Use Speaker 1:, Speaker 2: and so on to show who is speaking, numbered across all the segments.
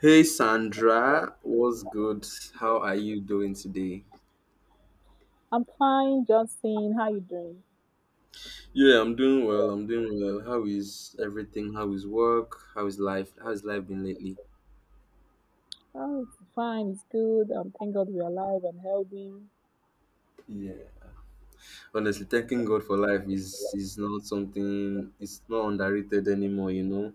Speaker 1: Hey Sandra, what's good? How are you doing today?
Speaker 2: I'm fine, Johnson. How you doing?
Speaker 1: Yeah, I'm doing well. I'm doing well. How is everything? How is work? How is life? How has life been lately?
Speaker 2: Oh, it's fine. It's good. Thank God we're alive and healthy.
Speaker 1: Yeah. Honestly, thanking God for life is not something it's not underrated anymore, you know.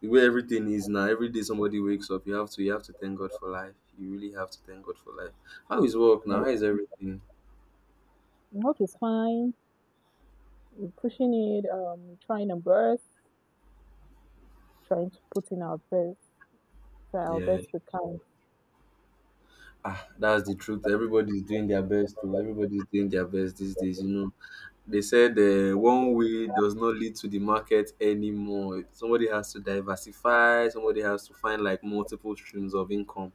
Speaker 1: The way everything is now, every day somebody wakes up, you have to thank God for life. You really have to thank God for life. How is work now? How is everything?
Speaker 2: Work is fine. We're pushing it. Trying our best. Trying to put in our best. Try our
Speaker 1: Yeah.
Speaker 2: best we can.
Speaker 1: Ah, that's the truth. Everybody's doing their best though. Everybody's doing their best these days, you know. They said one way does not lead to the market anymore. Somebody has to diversify, somebody has to find like multiple streams of income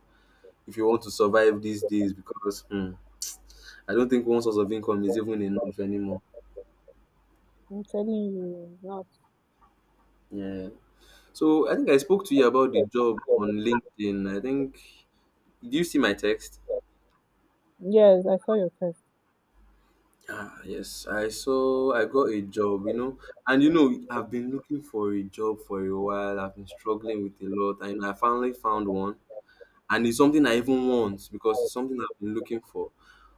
Speaker 1: if you want to survive these days because I don't think one source of income is even enough anymore.
Speaker 2: I'm telling you, it's not.
Speaker 1: Yeah. So I think I spoke to you about the job on LinkedIn. I think do you see my text?
Speaker 2: Yes, I saw your test.
Speaker 1: Ah, yes, I saw I got a job, you know, and you know, I've been looking for a job for a while. I've been struggling with a lot, and I finally found one. And it's something I even want because it's something I've been looking for.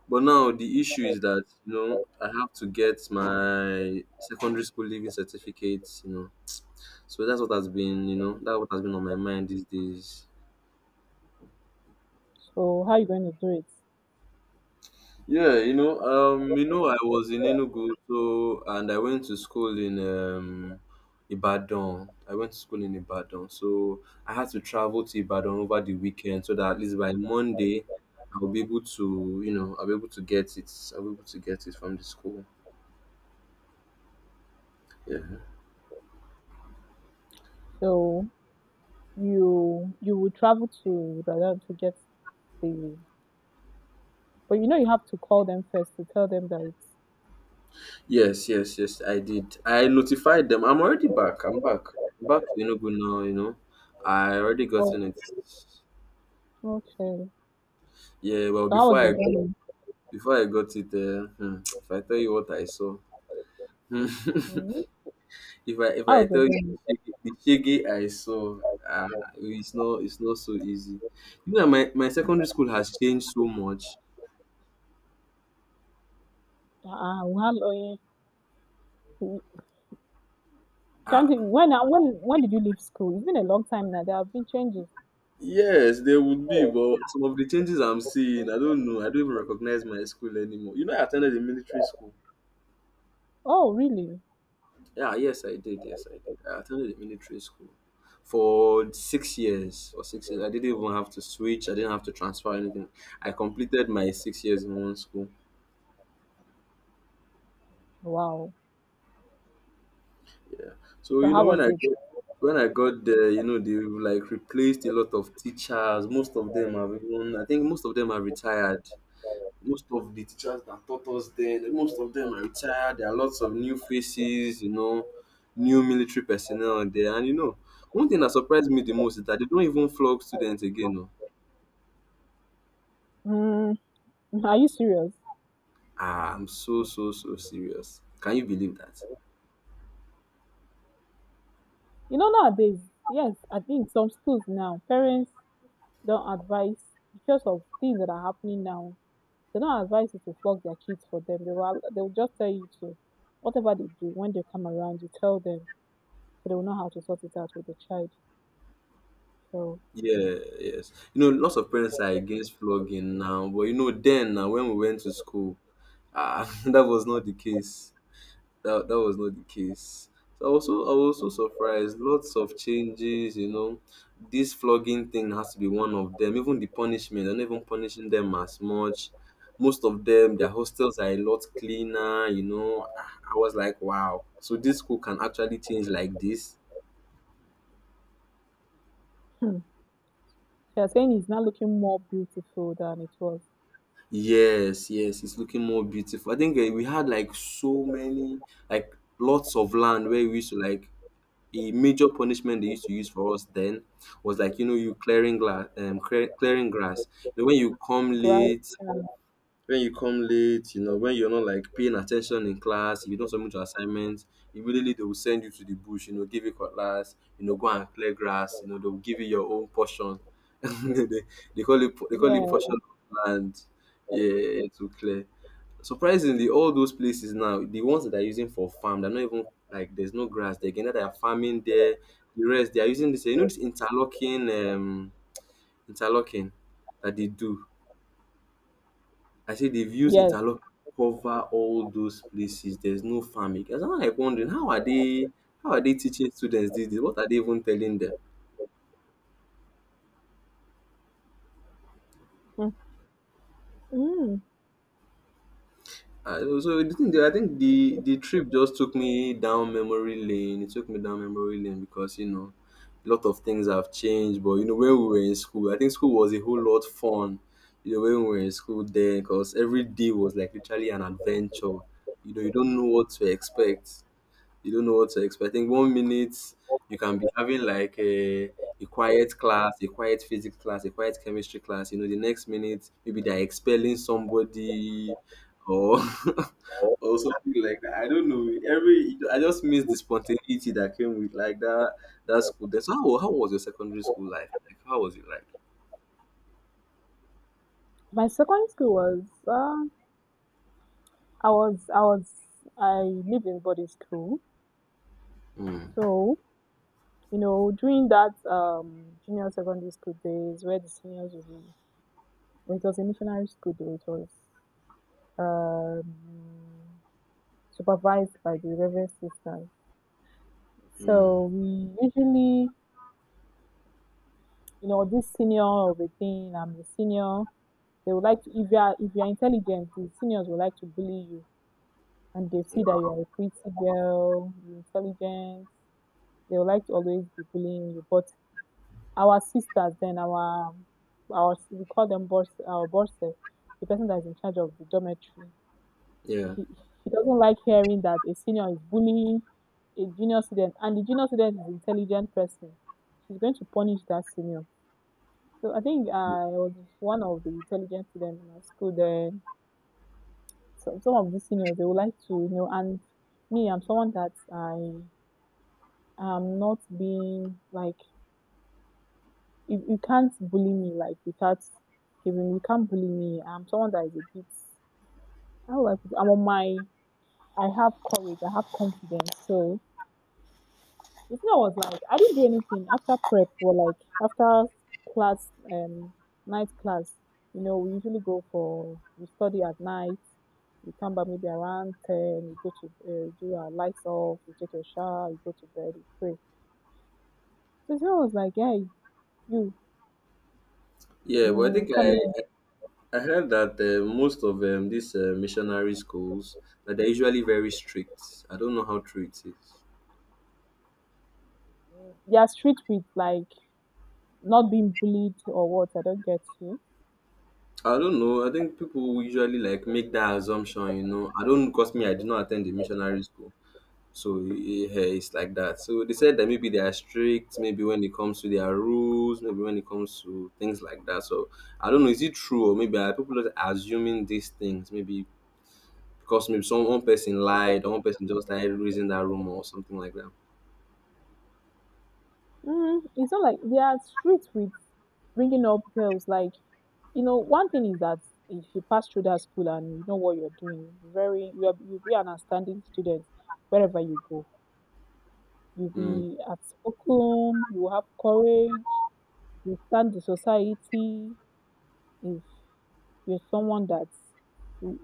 Speaker 1: But now the issue is that you know I have to get my secondary school leaving certificate, you know. So that's what has been, you know, that's what has been on my mind these days.
Speaker 2: So how you going to do it?
Speaker 1: Yeah, you know, I was in Enugu, so and I went to school in Ibadan. I went to school in Ibadan, so I had to travel to Ibadan over the weekend so that at least by Monday, I'll be able to, you know, I'll be able to get it. I'll be able to get it from the school. Yeah.
Speaker 2: So you will travel to Ibadan to get the. But you know you have to call them first to tell them that it's.
Speaker 1: Yes, yes, yes. I did. I notified them. I'm already back. I'm back. I'm back to Enugu now. You know, I already
Speaker 2: Oh,
Speaker 1: gotten it.
Speaker 2: okay.
Speaker 1: Yeah. Well,
Speaker 2: So how
Speaker 1: before
Speaker 2: was
Speaker 1: I
Speaker 2: your
Speaker 1: go,
Speaker 2: journey?
Speaker 1: before I got it, if I tell you what I saw, hmm,
Speaker 2: Hmm?
Speaker 1: if I if
Speaker 2: How
Speaker 1: I
Speaker 2: was your
Speaker 1: tell you
Speaker 2: journey?
Speaker 1: the shege I saw, ah, it's not so easy. You know, my secondary school has changed so much.
Speaker 2: Ah, how long? Can't you,
Speaker 1: Ah,
Speaker 2: when did you leave school? It's been a long time now. There have been changes.
Speaker 1: yes, there would be, but some of the changes I'm seeing, I don't know. I don't even recognize my school anymore. You know, I attended a military school.
Speaker 2: Oh, really?
Speaker 1: Yeah, yes, I did. Yes, I did. I attended a military school for 6 years. For 6 years, I didn't even have to switch. I didn't have to transfer anything. I completed my 6 years in one school.
Speaker 2: Wow.
Speaker 1: Yeah. So
Speaker 2: So
Speaker 1: you know
Speaker 2: how
Speaker 1: when
Speaker 2: was
Speaker 1: I
Speaker 2: it?
Speaker 1: get, when I got there, you know they like replaced a lot of teachers. Most of them have even. I think most of them are retired. Most of the teachers that taught us then, most of them are retired. There are lots of new faces, you know, new military personnel out there. And you know, one thing that surprised me the most is that they don't even flog students again. No.
Speaker 2: Mm, are you serious?
Speaker 1: Ah, I'm so, so, so serious. Can you believe that?
Speaker 2: You know nowadays, yes, I think some schools now parents don't advise because of things that are happening now. They don't advise you to flog their kids for them. They will just tell you to whatever they do when they come around. You tell them so they will know how to sort it out with the child. So
Speaker 1: Yeah, yes. You know, lots of parents are against flogging now, but you know, then when we went to school, that was not the case. that that was not the case. So I was also surprised. Lots of changes, you know. This flogging thing has to be one of them. Even the punishment, they're not even punishing them as much. Most of them, their hostels are a lot cleaner, you know. Ah, I was like, wow. So this school can actually change like this.
Speaker 2: hmm, they are saying it's now looking more beautiful than it was.
Speaker 1: Yes, yes, it's looking more beautiful. I think we had like so many, like lots of land where we used to like a major punishment they used to use for us then was like you know you clearing glass clearing grass, you know, when you come
Speaker 2: Grad,
Speaker 1: late,
Speaker 2: uh,
Speaker 1: you know when you're not like paying attention in class, if you don't submit your assignments immediately, they will send you to the bush, you know, give you cutlass, you know, go and clear grass, you know, they'll give you your own portion, they, they call it
Speaker 2: yeah,
Speaker 1: portion of land, yeah, to clear. Surprisingly, all those places now, the ones that they are using for farm, they are not even like there's no grass there again. Either they are farming there, the rest they are using this, you know, this interlocking, interlocking that they do. I say they've used
Speaker 2: yes.
Speaker 1: interlock cover all those places. There's no farming. I was now like wondering, how are they teaching students these days? What are they even telling them?
Speaker 2: Mm. Mm.
Speaker 1: So the thing, I think the trip just took me down memory lane. It took me down memory lane because you know, a lot of things have changed. But you know, when we were in school, I think school was a whole lot fun. You know, when we were in school then, because every day was like literally an adventure. You know, you don't know what to expect you don't know what to expect. I think one minute you can be having like a quiet class, a quiet physics class, a quiet chemistry class. You know, the next minute maybe they're expelling somebody or or something like that. I don't know. Every I just miss the spontaneity that came with like that school. Then so how was your secondary school life? Like how was it like?
Speaker 2: My secondary school was I was I was I lived in boarding school,
Speaker 1: Mm,
Speaker 2: so you know during that junior secondary school days where the seniors would be, it was a missionary school though it was um supervised by the reverend sisters.
Speaker 1: mm,
Speaker 2: So we usually you know this senior of a thing I'm the senior. They would like to if you are intelligent, the seniors would like to bully you and they see that you are a pretty girl, you're intelligent, they will like to always be bullying you. But our sisters, then our we call them boss, our bosses, the person that's in charge of the dormitory,
Speaker 1: yeah.
Speaker 2: he he doesn't like hearing that a senior is bullying a junior student, and the junior student is an intelligent person. She's going to punish that senior. So I think I was one of the intelligent students in my school. Then some of the seniors they would like to you know and me, I'm someone that I'm not being like you can't bully me like without giving you can't bully me. I'm someone that is a bit how do I put it? I'm on my I have courage, I have confidence. So if I was like I didn't do anything after prep or like after class night class, you know, we usually go for we study at night, we come back maybe around ten, we go to do our lights off, we take a shower, we go to bed, we pray. So if I was like, Hey, you
Speaker 1: Yeah, but I think
Speaker 2: come
Speaker 1: I,
Speaker 2: here
Speaker 1: I I heard that most of these missionary schools they're usually very strict. I don't know how true it is.
Speaker 2: They are strict with like not being bullied or what? I don't get you.
Speaker 1: I don't know. I think people usually like make that assumption. You know, I don't because me I did not attend the missionary school, so it's like that. So they said that maybe they are strict. Maybe when it comes to their rules, maybe when it comes to things like that. So I don't know. Is it true, or maybe are people just assuming these things? Maybe because maybe some one person lied, or one person just like raising that rumor or something like that.
Speaker 2: It's not like they are strict with bringing up girls. Like you know, one thing is that if you pass through that school and you know what you're doing, very you'll be an outstanding student wherever you go. You'll
Speaker 1: Hmm.
Speaker 2: be outspoken. You will have courage. You stand the society. If you're someone that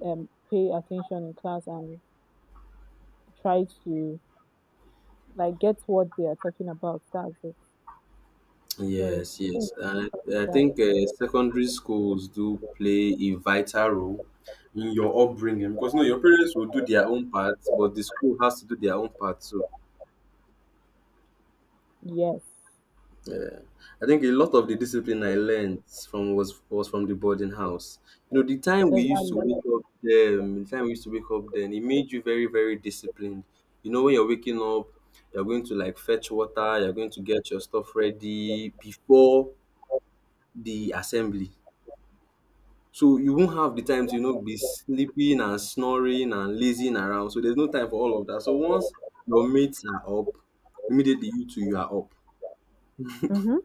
Speaker 2: pay attention in class and try to like get what they are talking about, that's it. So
Speaker 1: Yes,
Speaker 2: I think
Speaker 1: yes.
Speaker 2: we can discuss
Speaker 1: I
Speaker 2: that.
Speaker 1: think secondary schools do play a vital role in your upbringing because no, your parents will do their own part, but the school has to do their own part too.
Speaker 2: Yes,
Speaker 1: I think a lot of the discipline I learned from was from the boarding house. You know,
Speaker 2: exactly.
Speaker 1: the time we used to wake up then, it made you very, very disciplined. You know, when you're waking up, you're going to like fetch water, you're going to get your stuff ready before the assembly. So you won't have the time to, you know, be sleeping and snoring and lazing around. So there's no time for all of that. So once your mates are up, immediately you two you are up.
Speaker 2: Mm-hmm.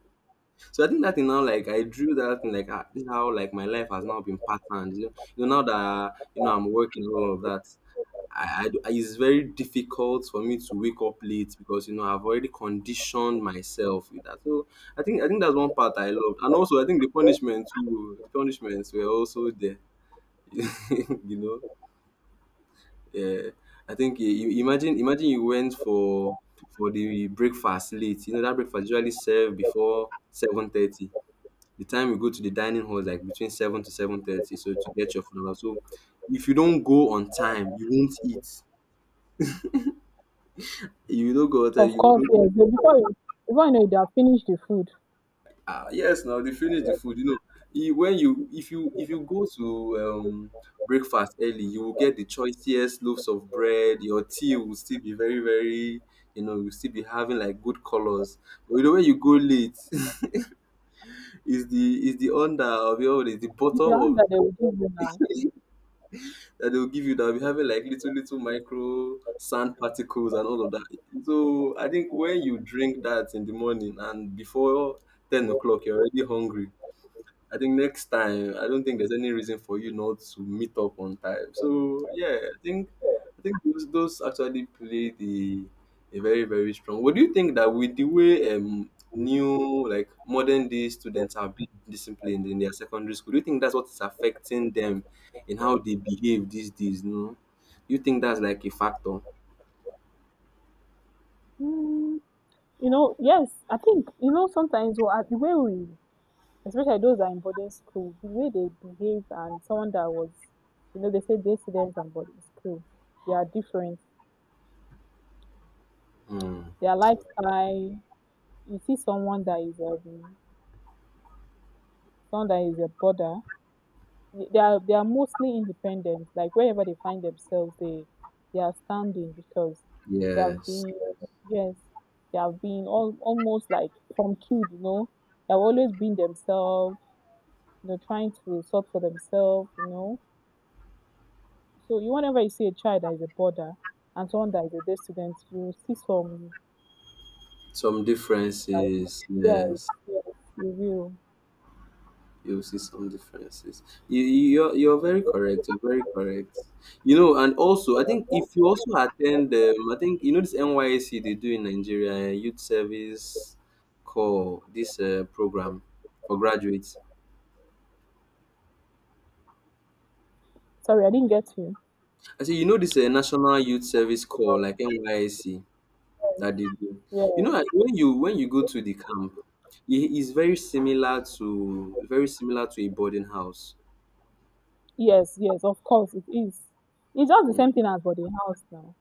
Speaker 1: So I think that thing now like I drew that thing like ah, this is how like my life has now been patterned. You know now that you know I'm working and all of that. It's very difficult for me to wake up late because you know I've already conditioned myself with that. So I think that's one part I loved, and also I think the punishments too. The punishments were also there. you know. Yeah, I think you imagine, imagine you went for the breakfast late. You know that breakfast usually served before 7:30. The time you go to the dining hall is like between 7 to 7:30. So to get your food, and all. So if you don't go on time, you won't eat. If you don't go on time,
Speaker 2: Of
Speaker 1: you
Speaker 2: course, yes.
Speaker 1: wouldn't.
Speaker 2: So before you know, it, they have finished the food.
Speaker 1: Ah, yes, now they finish the food. You know, when you if you if you go to breakfast early, you will get the choicest loaves of bread. Your tea will still be very, very, you know, you'll still be having like good colors. But the way you go late, is the under of your is the
Speaker 2: It's the
Speaker 1: bottom
Speaker 2: one
Speaker 1: of
Speaker 2: that they will give you now.
Speaker 1: that they'll give you, that will be having like little little micro sand particles and all of that. So I think when you drink that in the morning and before 10 o'clock, you're already hungry. I think next time, I don't think there's any reason for you not to meet up on time. So yeah, I think I think those actually play the a very very strong. What do you think that with the way new like modern day students are being disciplined in their secondary school, do you think that's what is affecting them in how they behave these days? No, do you think that's like a factor?
Speaker 2: Mm, you know, yes. I think you know sometimes well, the way we, especially those that are in boarding school, the way they behave and someone that was, you know, they say day students and boarding school, they are different.
Speaker 1: Hmm.
Speaker 2: Their lifestyle. You see someone that is a boarder they are mostly independent. Like wherever they find themselves, they are standing because they have
Speaker 1: Yes,
Speaker 2: been yes, they have been all, almost like from kids, you know, they have always been themselves. You know, trying to sort for themselves, you know. So you whenever you see a child that is a border and someone that is a day student, you see some
Speaker 1: some
Speaker 2: like
Speaker 1: differences.
Speaker 2: yes,
Speaker 1: Yes.
Speaker 2: yes, you
Speaker 1: You'll see some differences. You're very correct. You're very correct. You know, and also I think
Speaker 2: will.
Speaker 1: if you also attend, I think you know this NYSC they do in Nigeria, youth service call this program for graduates.
Speaker 2: Sorry, I didn't get you.
Speaker 1: I say you know this national youth service call like NYSC
Speaker 2: Yes,
Speaker 1: that they do. You know
Speaker 2: yes.
Speaker 1: when you go to the camp, it is very similar to a boarding house.
Speaker 2: Yes, yes, of course it is. It's just the
Speaker 1: Mm.
Speaker 2: same thing as for the house now.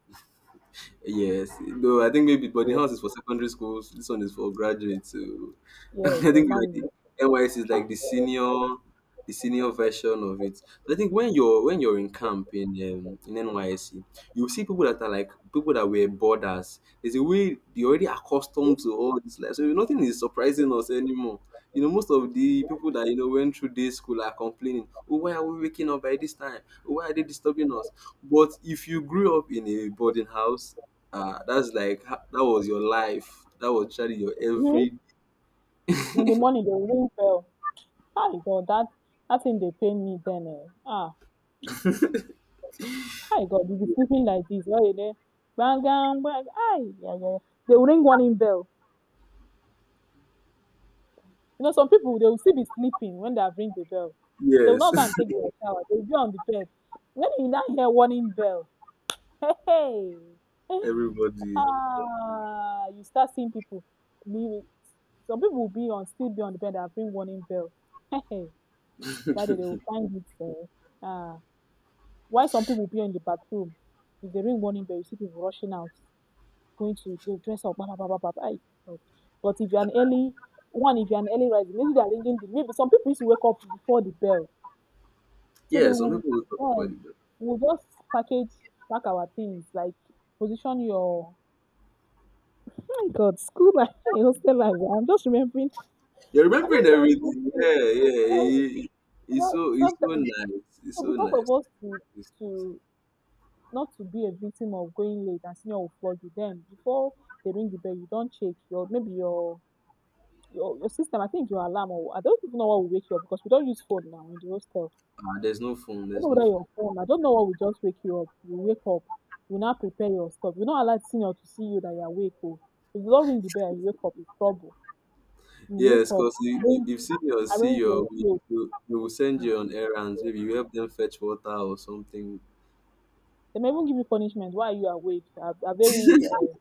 Speaker 1: Yes, though I think maybe boarding house is for secondary schools. This one is for graduates. So
Speaker 2: Yes,
Speaker 1: I think like
Speaker 2: exactly.
Speaker 1: the NYS is like the senior version of it. But I think when you're in camp in in NYSC, you see people that are like people that were boarders. There's a way they're already accustomed to all this life, so nothing is surprising us anymore. You know, most of the people that you know went through day school are complaining, "Oh, why are we waking up by this time? Oh, why are they disturbing us?" But if you grew up in a boarding house, that's like that was your life. That was actually your
Speaker 2: Mhm.
Speaker 1: every
Speaker 2: In the morning they will ring bell. Ah God, that thing they pay me then eh. Ah, hi God, you be sleeping like this all day. Bang bang bang. Ai yeah, yeah. They will ring warning bell. You know, some people they will still be sleeping when they have ring the bell. They will
Speaker 1: yes,
Speaker 2: not go and take their shower. They will be on the bed. When you now hear warning bell, hey, hey.
Speaker 1: everybody.
Speaker 2: Ah, you start seeing people. Be, some people will be on still be on the bed and bring warning bell. that day they will find it. Ah, why some people will be in the bathroom? If they ring warning bell, you see people rushing out, going to dress up. Bah, bah, bah, bah, bah, bah. Ay, God. But if you're an early one, if you're an early riser, maybe they're ringing. The, maybe some people used to wake up before the bell, so they
Speaker 1: Yeah, some
Speaker 2: will.
Speaker 1: people will talk
Speaker 2: Yeah,
Speaker 1: about it. But
Speaker 2: we'll just package pack our things like position your My God, school life, hostel life. Eh? I'm just remembering.
Speaker 1: you're
Speaker 2: I'm
Speaker 1: remembering
Speaker 2: just remembering.
Speaker 1: everything.
Speaker 2: Things.
Speaker 1: Yeah,
Speaker 2: Sometimes,
Speaker 1: yeah. it-
Speaker 2: you
Speaker 1: it's
Speaker 2: know,
Speaker 1: so it's so
Speaker 2: sometimes,
Speaker 1: nice. It's
Speaker 2: so
Speaker 1: so
Speaker 2: because of
Speaker 1: nice.
Speaker 2: us to
Speaker 1: It's so nice.
Speaker 2: to not to be a victim of going late and senior will flog you. Then before they ring the bell, you don't check your maybe your system. I think your alarm or I don't even know what will wake you up because we don't use phone now in the hostel.
Speaker 1: There's no
Speaker 2: I
Speaker 1: phone.
Speaker 2: don't
Speaker 1: There's
Speaker 2: know
Speaker 1: no
Speaker 2: whether
Speaker 1: phone.
Speaker 2: your phone. I don't know what will just wake you up. You wake up. You now prepare your stuff. You not allow senior to see you that you're awake. Oh, if you don't ring the bell, and you wake up. It's trouble. You wake
Speaker 1: Yes,
Speaker 2: up
Speaker 1: because
Speaker 2: arrange
Speaker 1: if senior see
Speaker 2: arrange your clothes.
Speaker 1: you will send
Speaker 2: um
Speaker 1: you on errands. Maybe you help them fetch water or something.
Speaker 2: Dem go even give you punishment. Why are you awake?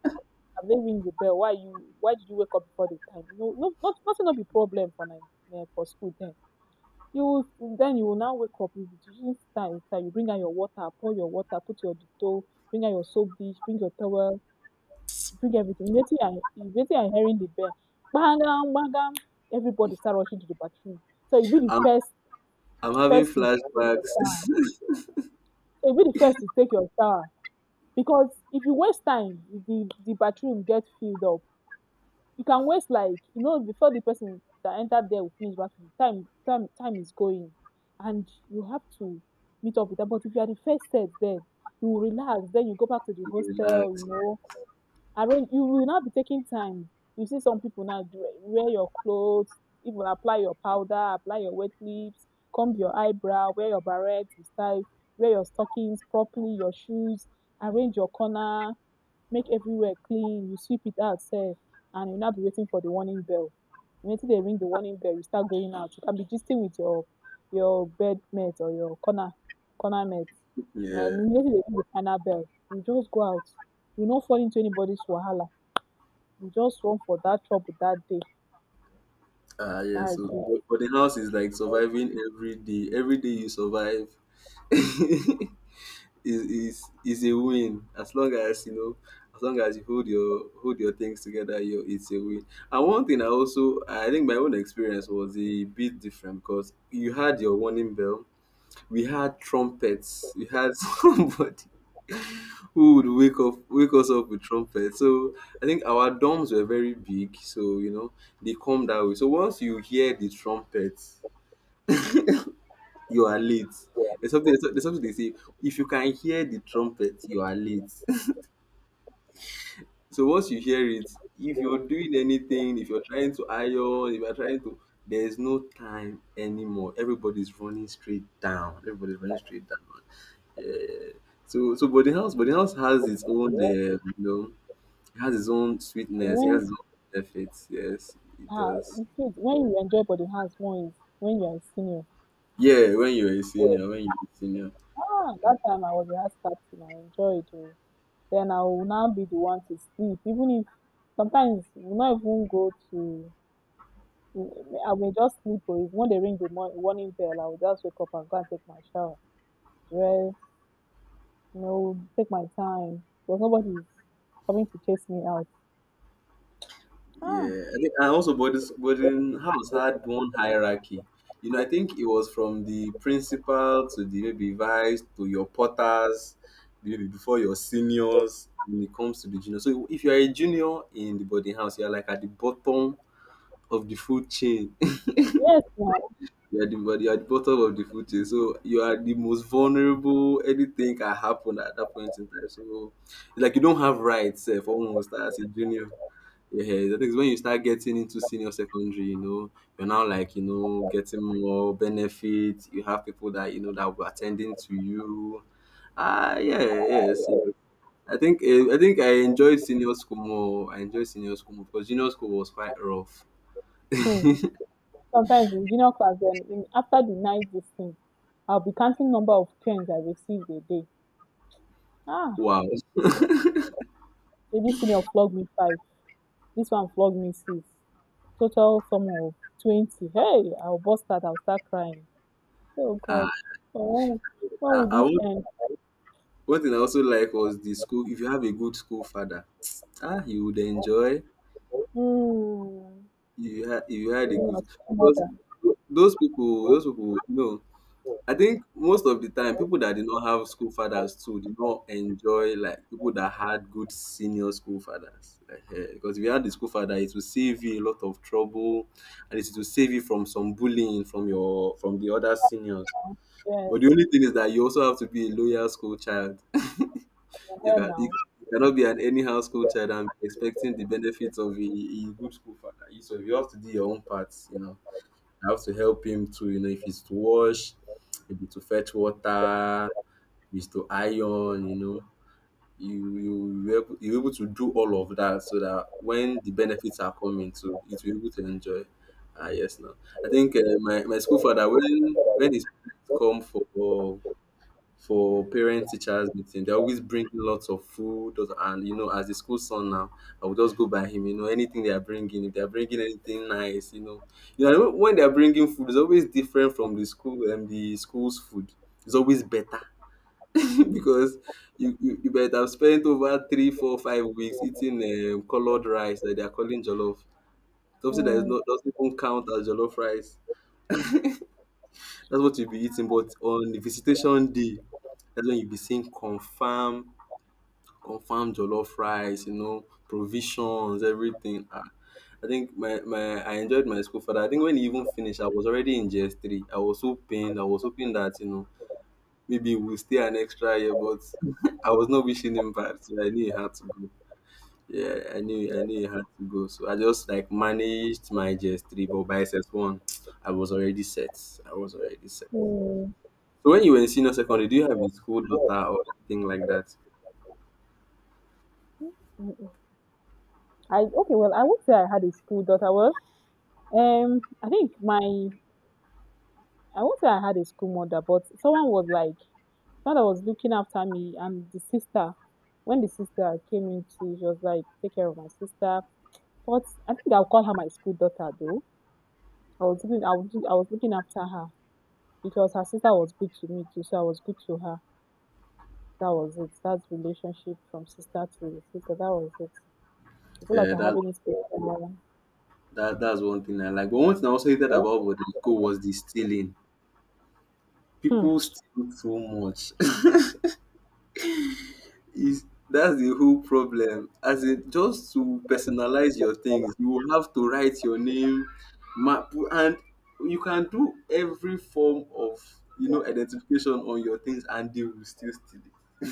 Speaker 2: Have they ring the bell? Why did you wake up before the time? No, no, not nothing will be problem for Nai for school then. You will then you will now wake up you use style style you bring out your water, pour your water, put your Dettol, bring out your soap dish, bring your towel, bring everything. If wetin you are if hearing the bell bang bang, bang. Everybody start rushing to the bathroom. So you be the
Speaker 1: I'm
Speaker 2: first
Speaker 1: I'm having
Speaker 2: first to take your
Speaker 1: flashbacks.
Speaker 2: shower. So you be the first to take your shower. Because if you waste time, if the bathroom gets filled up. You can waste like you know before the person that entered there will finish bathroom. Time time time is going, and you have to meet up with them. But if you are the first set there, you will relax. Then you go back to the hostel.
Speaker 1: Relax.
Speaker 2: You know, arrange. You will not be taking time. You see some people now do wear your clothes, even apply your powder, apply your wet lips, comb your eyebrow, wear your barrettes with style, wear your stockings properly, your shoes, arrange your corner make everywhere clean you sweep it out sir, and you not be waiting for the warning bell Until they ring the warning bell you start going out you can be gisting with your bed mate or your corner corner mate And
Speaker 1: Yeah.
Speaker 2: wetin they ring the final bell you just go out you no fall into anybody's wahala you just run for that trouble that day
Speaker 1: Ah, yeah.
Speaker 2: that's
Speaker 1: So,
Speaker 2: it
Speaker 1: but the house is like surviving every day. Every day you survive. Is a win, as long as you know, as long as you hold your things together, you it's a win. And one thing I think my own experience was a bit different, because you had your warning bell. We had somebody who would wake us up with trumpets. So I think our dorms were very big, so you know they come that way. So once you hear the trumpets, you are late. There's something they say, if you can hear the trumpet you are late. So once you hear it, if you're doing anything, if you're trying to iron, if you're trying to, there's no time anymore. Everybody's running straight down. Everybody's running straight down. Yeah. So but house has its own, you know, it has its own sweetness. It
Speaker 2: when
Speaker 1: has its own benefits. Yes, it
Speaker 2: ah
Speaker 1: does.
Speaker 2: you see when you enjoy body hands, more is when you are a senior
Speaker 1: Yeah, when you're a senior, when you're a senior.
Speaker 2: ah that time I was a house captain I enjoyed it. Then I will now be the one to sleep. Even if sometimes we'll not even go to, I may just sleep. Or if when they ring the warning bell, I will just wake up and go and take my shower, dress, you know, take my time. Because nobody's coming to chase me out. Ah,
Speaker 1: Yeah, I think, and also boarding house had one hierarchy. You know, I think it was from the principal to the maybe vice to your porters, maybe before your seniors when it comes to the junior. So if you are a junior in the boarding house, you are like at the bottom of the food chain.
Speaker 2: yes, now.
Speaker 1: You are the bottom of the food chain. So you are the most vulnerable. Anything can happen at that point in time. So like you don't have rights, for almost as a junior. Yeah, that's thing when you start getting into senior secondary, you know, you're now like, you know, getting more benefits. You have people that, you know, that were attending to you. Ah, yeah, yes, yes. I think I enjoyed senior school more. I enjoyed senior school more because junior school was quite rough.
Speaker 2: Hmm. Sometimes in junior class, then in, after the night visiting, I'll be counting number of canes I received a day. Ah,
Speaker 1: Wow.
Speaker 2: say this senior flogged me five, this one flogged me six. Total sum of 20. Hey, I'll bust out, I'll start crying. Oh God,
Speaker 1: Ah,
Speaker 2: oh, when
Speaker 1: I, I,
Speaker 2: will this
Speaker 1: would-
Speaker 2: end?
Speaker 1: One thing I also like was the school. If you have a good school father, you would enjoy.
Speaker 2: Mm.
Speaker 1: You had a
Speaker 2: Even
Speaker 1: good,
Speaker 2: my second
Speaker 1: because
Speaker 2: Mother,
Speaker 1: those people, you know, I think most of the time, people that did not have school fathers too did not enjoy like people that had good senior school fathers. Like, because if you had the school father, it will save you a lot of trouble, and it will save you from some bullying from the other seniors.
Speaker 2: yes,
Speaker 1: But the only thing is that you also have to be a loyal school child. You
Speaker 2: her
Speaker 1: can you,
Speaker 2: now.
Speaker 1: you cannot be an anyhow school child and be expecting the benefits of a good school father. So you have to do your own part. You know, you have to help him to, you know, if it's to wash, maybe to fetch water, we used to iron, you know. You're able to do all of that, so that when the benefits are coming too, you will able to enjoy. Ah yes, now I think my school father, when his parents come for parent teachers meeting, they always bring lots of food and you know as the school son now, I will just go by him. You know anything they are bringing, if they are bringing anything nice, you know, when they are bringing food, it's always different from the school, and the school's food, it's always better, because you might have spent over 3, 4, 5 weeks eating colored rice that they are calling jollof. Something that is
Speaker 2: Mm.
Speaker 1: not doesn't even count as jollof rice. That's what you'll be eating. But on the visitation day, that's when you'll be seeing confirm, confirm jollof rice. You know, provisions, everything. Ah, I think my, my I enjoyed my school for that. I think when he even finished, I was already in GS3. I was so pained. I was hoping that you know maybe we'll stay an extra year, but I was not wishing him bad, so I knew he had to go. Yeah, I knew you had to go. So I just like managed my GS3, but by S one I was already set. I was already set.
Speaker 2: Mm.
Speaker 1: So when you were in senior secondary, do you have a school daughter or anything like that?
Speaker 2: Mm-mm. I okay. Well, I won't say I had a school daughter. Well, I think my I won't say I had a school mother, but someone was like someone that was looking after me, and the sister. When the sister came in, she was like, "Take care of my sister." But I think I'll call her my school daughter, though. I was looking after her because her sister was good to me too, so I was good to her. That was it. That's relationship from sister to sister. That was it. It's not like
Speaker 1: Yeah,
Speaker 2: I
Speaker 1: that
Speaker 2: have any space for
Speaker 1: that that's one thing I like. But one thing I also hated about the school was the stealing.
Speaker 2: her. Hmm.
Speaker 1: People steal so much. Is That's the whole problem. As in, just to personalize your things, you will have to write your name, map, and you can do every form of, you know, identification on your things, and they will still steal it.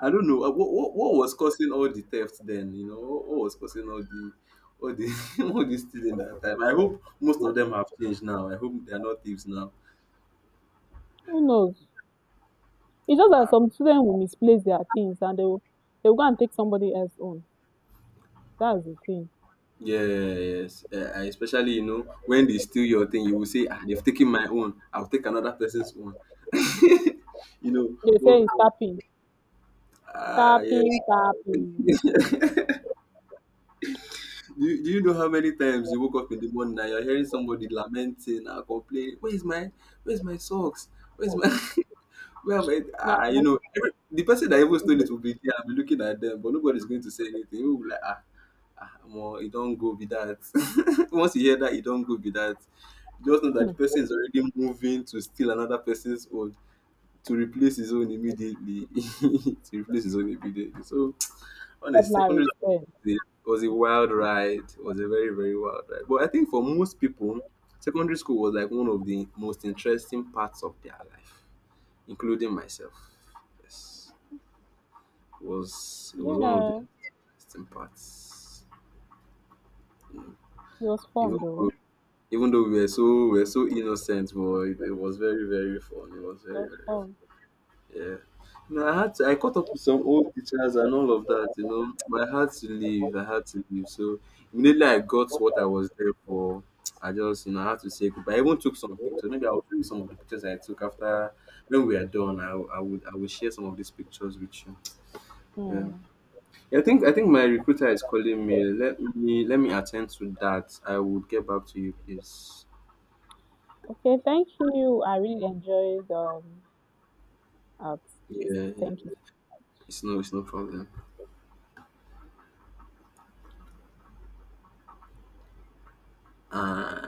Speaker 1: I don't know, what was causing all the theft then, you know, what was causing all the all the stealing that time. I hope most of them have changed now. I hope they are not thieves now.
Speaker 2: Who knows? It's just that some students will misplace their things and they will go and take somebody else's own. That's the thing.
Speaker 1: Yes, especially, you know, when they steal your thing, you will say, "Ah, they've taken my own. I'll take another person's own." You know,
Speaker 2: They say
Speaker 1: well,
Speaker 2: it's tapping, tapping,
Speaker 1: yes.
Speaker 2: tapping.
Speaker 1: Do you know how many times you woke up in the morning and you're hearing somebody lamenting and complaining, "Where's my socks? Where's my?" Well, mate,
Speaker 2: That,
Speaker 1: you
Speaker 2: that's
Speaker 1: know, the person that even stole it
Speaker 2: it.
Speaker 1: will be there and be looking at them, but nobody's going to say anything. We will be like, well, it don't go be that. Once you hear that, it don't go be that. Just know that the
Speaker 2: Hmm.
Speaker 1: person is already moving to steal another person's own, to replace his own immediately, to replace his own immediately. So, on a
Speaker 2: Vocabulary
Speaker 1: secondary
Speaker 2: is there.
Speaker 1: school, it was a wild ride. It was a very, very wild ride. But I think for most people, secondary school was like one of the most interesting parts of their life, including myself. Yes, it was one of the
Speaker 2: Yeah,
Speaker 1: interesting parts.
Speaker 2: it was
Speaker 1: Even
Speaker 2: fun
Speaker 1: though,
Speaker 2: though.
Speaker 1: even though we were so innocent, but it was very very fun. It was
Speaker 2: It
Speaker 1: very
Speaker 2: was
Speaker 1: very fun.
Speaker 2: fun.
Speaker 1: Yeah. No, I caught up with some old teachers and all of that, you know. But I had to leave. I had to leave. So immediately I got what I was there for. I just, you know, I had to say goodbye. I even took some pictures. Maybe I'll show you some of the pictures I took after when we are done. I will share some of these pictures with you. Yeah.
Speaker 2: Hmm.
Speaker 1: I think my recruiter is calling me. Let me attend to that. I will get back to you, please.
Speaker 2: Okay, thank you. I really enjoyed out please
Speaker 1: Yeah,
Speaker 2: thank you
Speaker 1: it's no problem. Uh,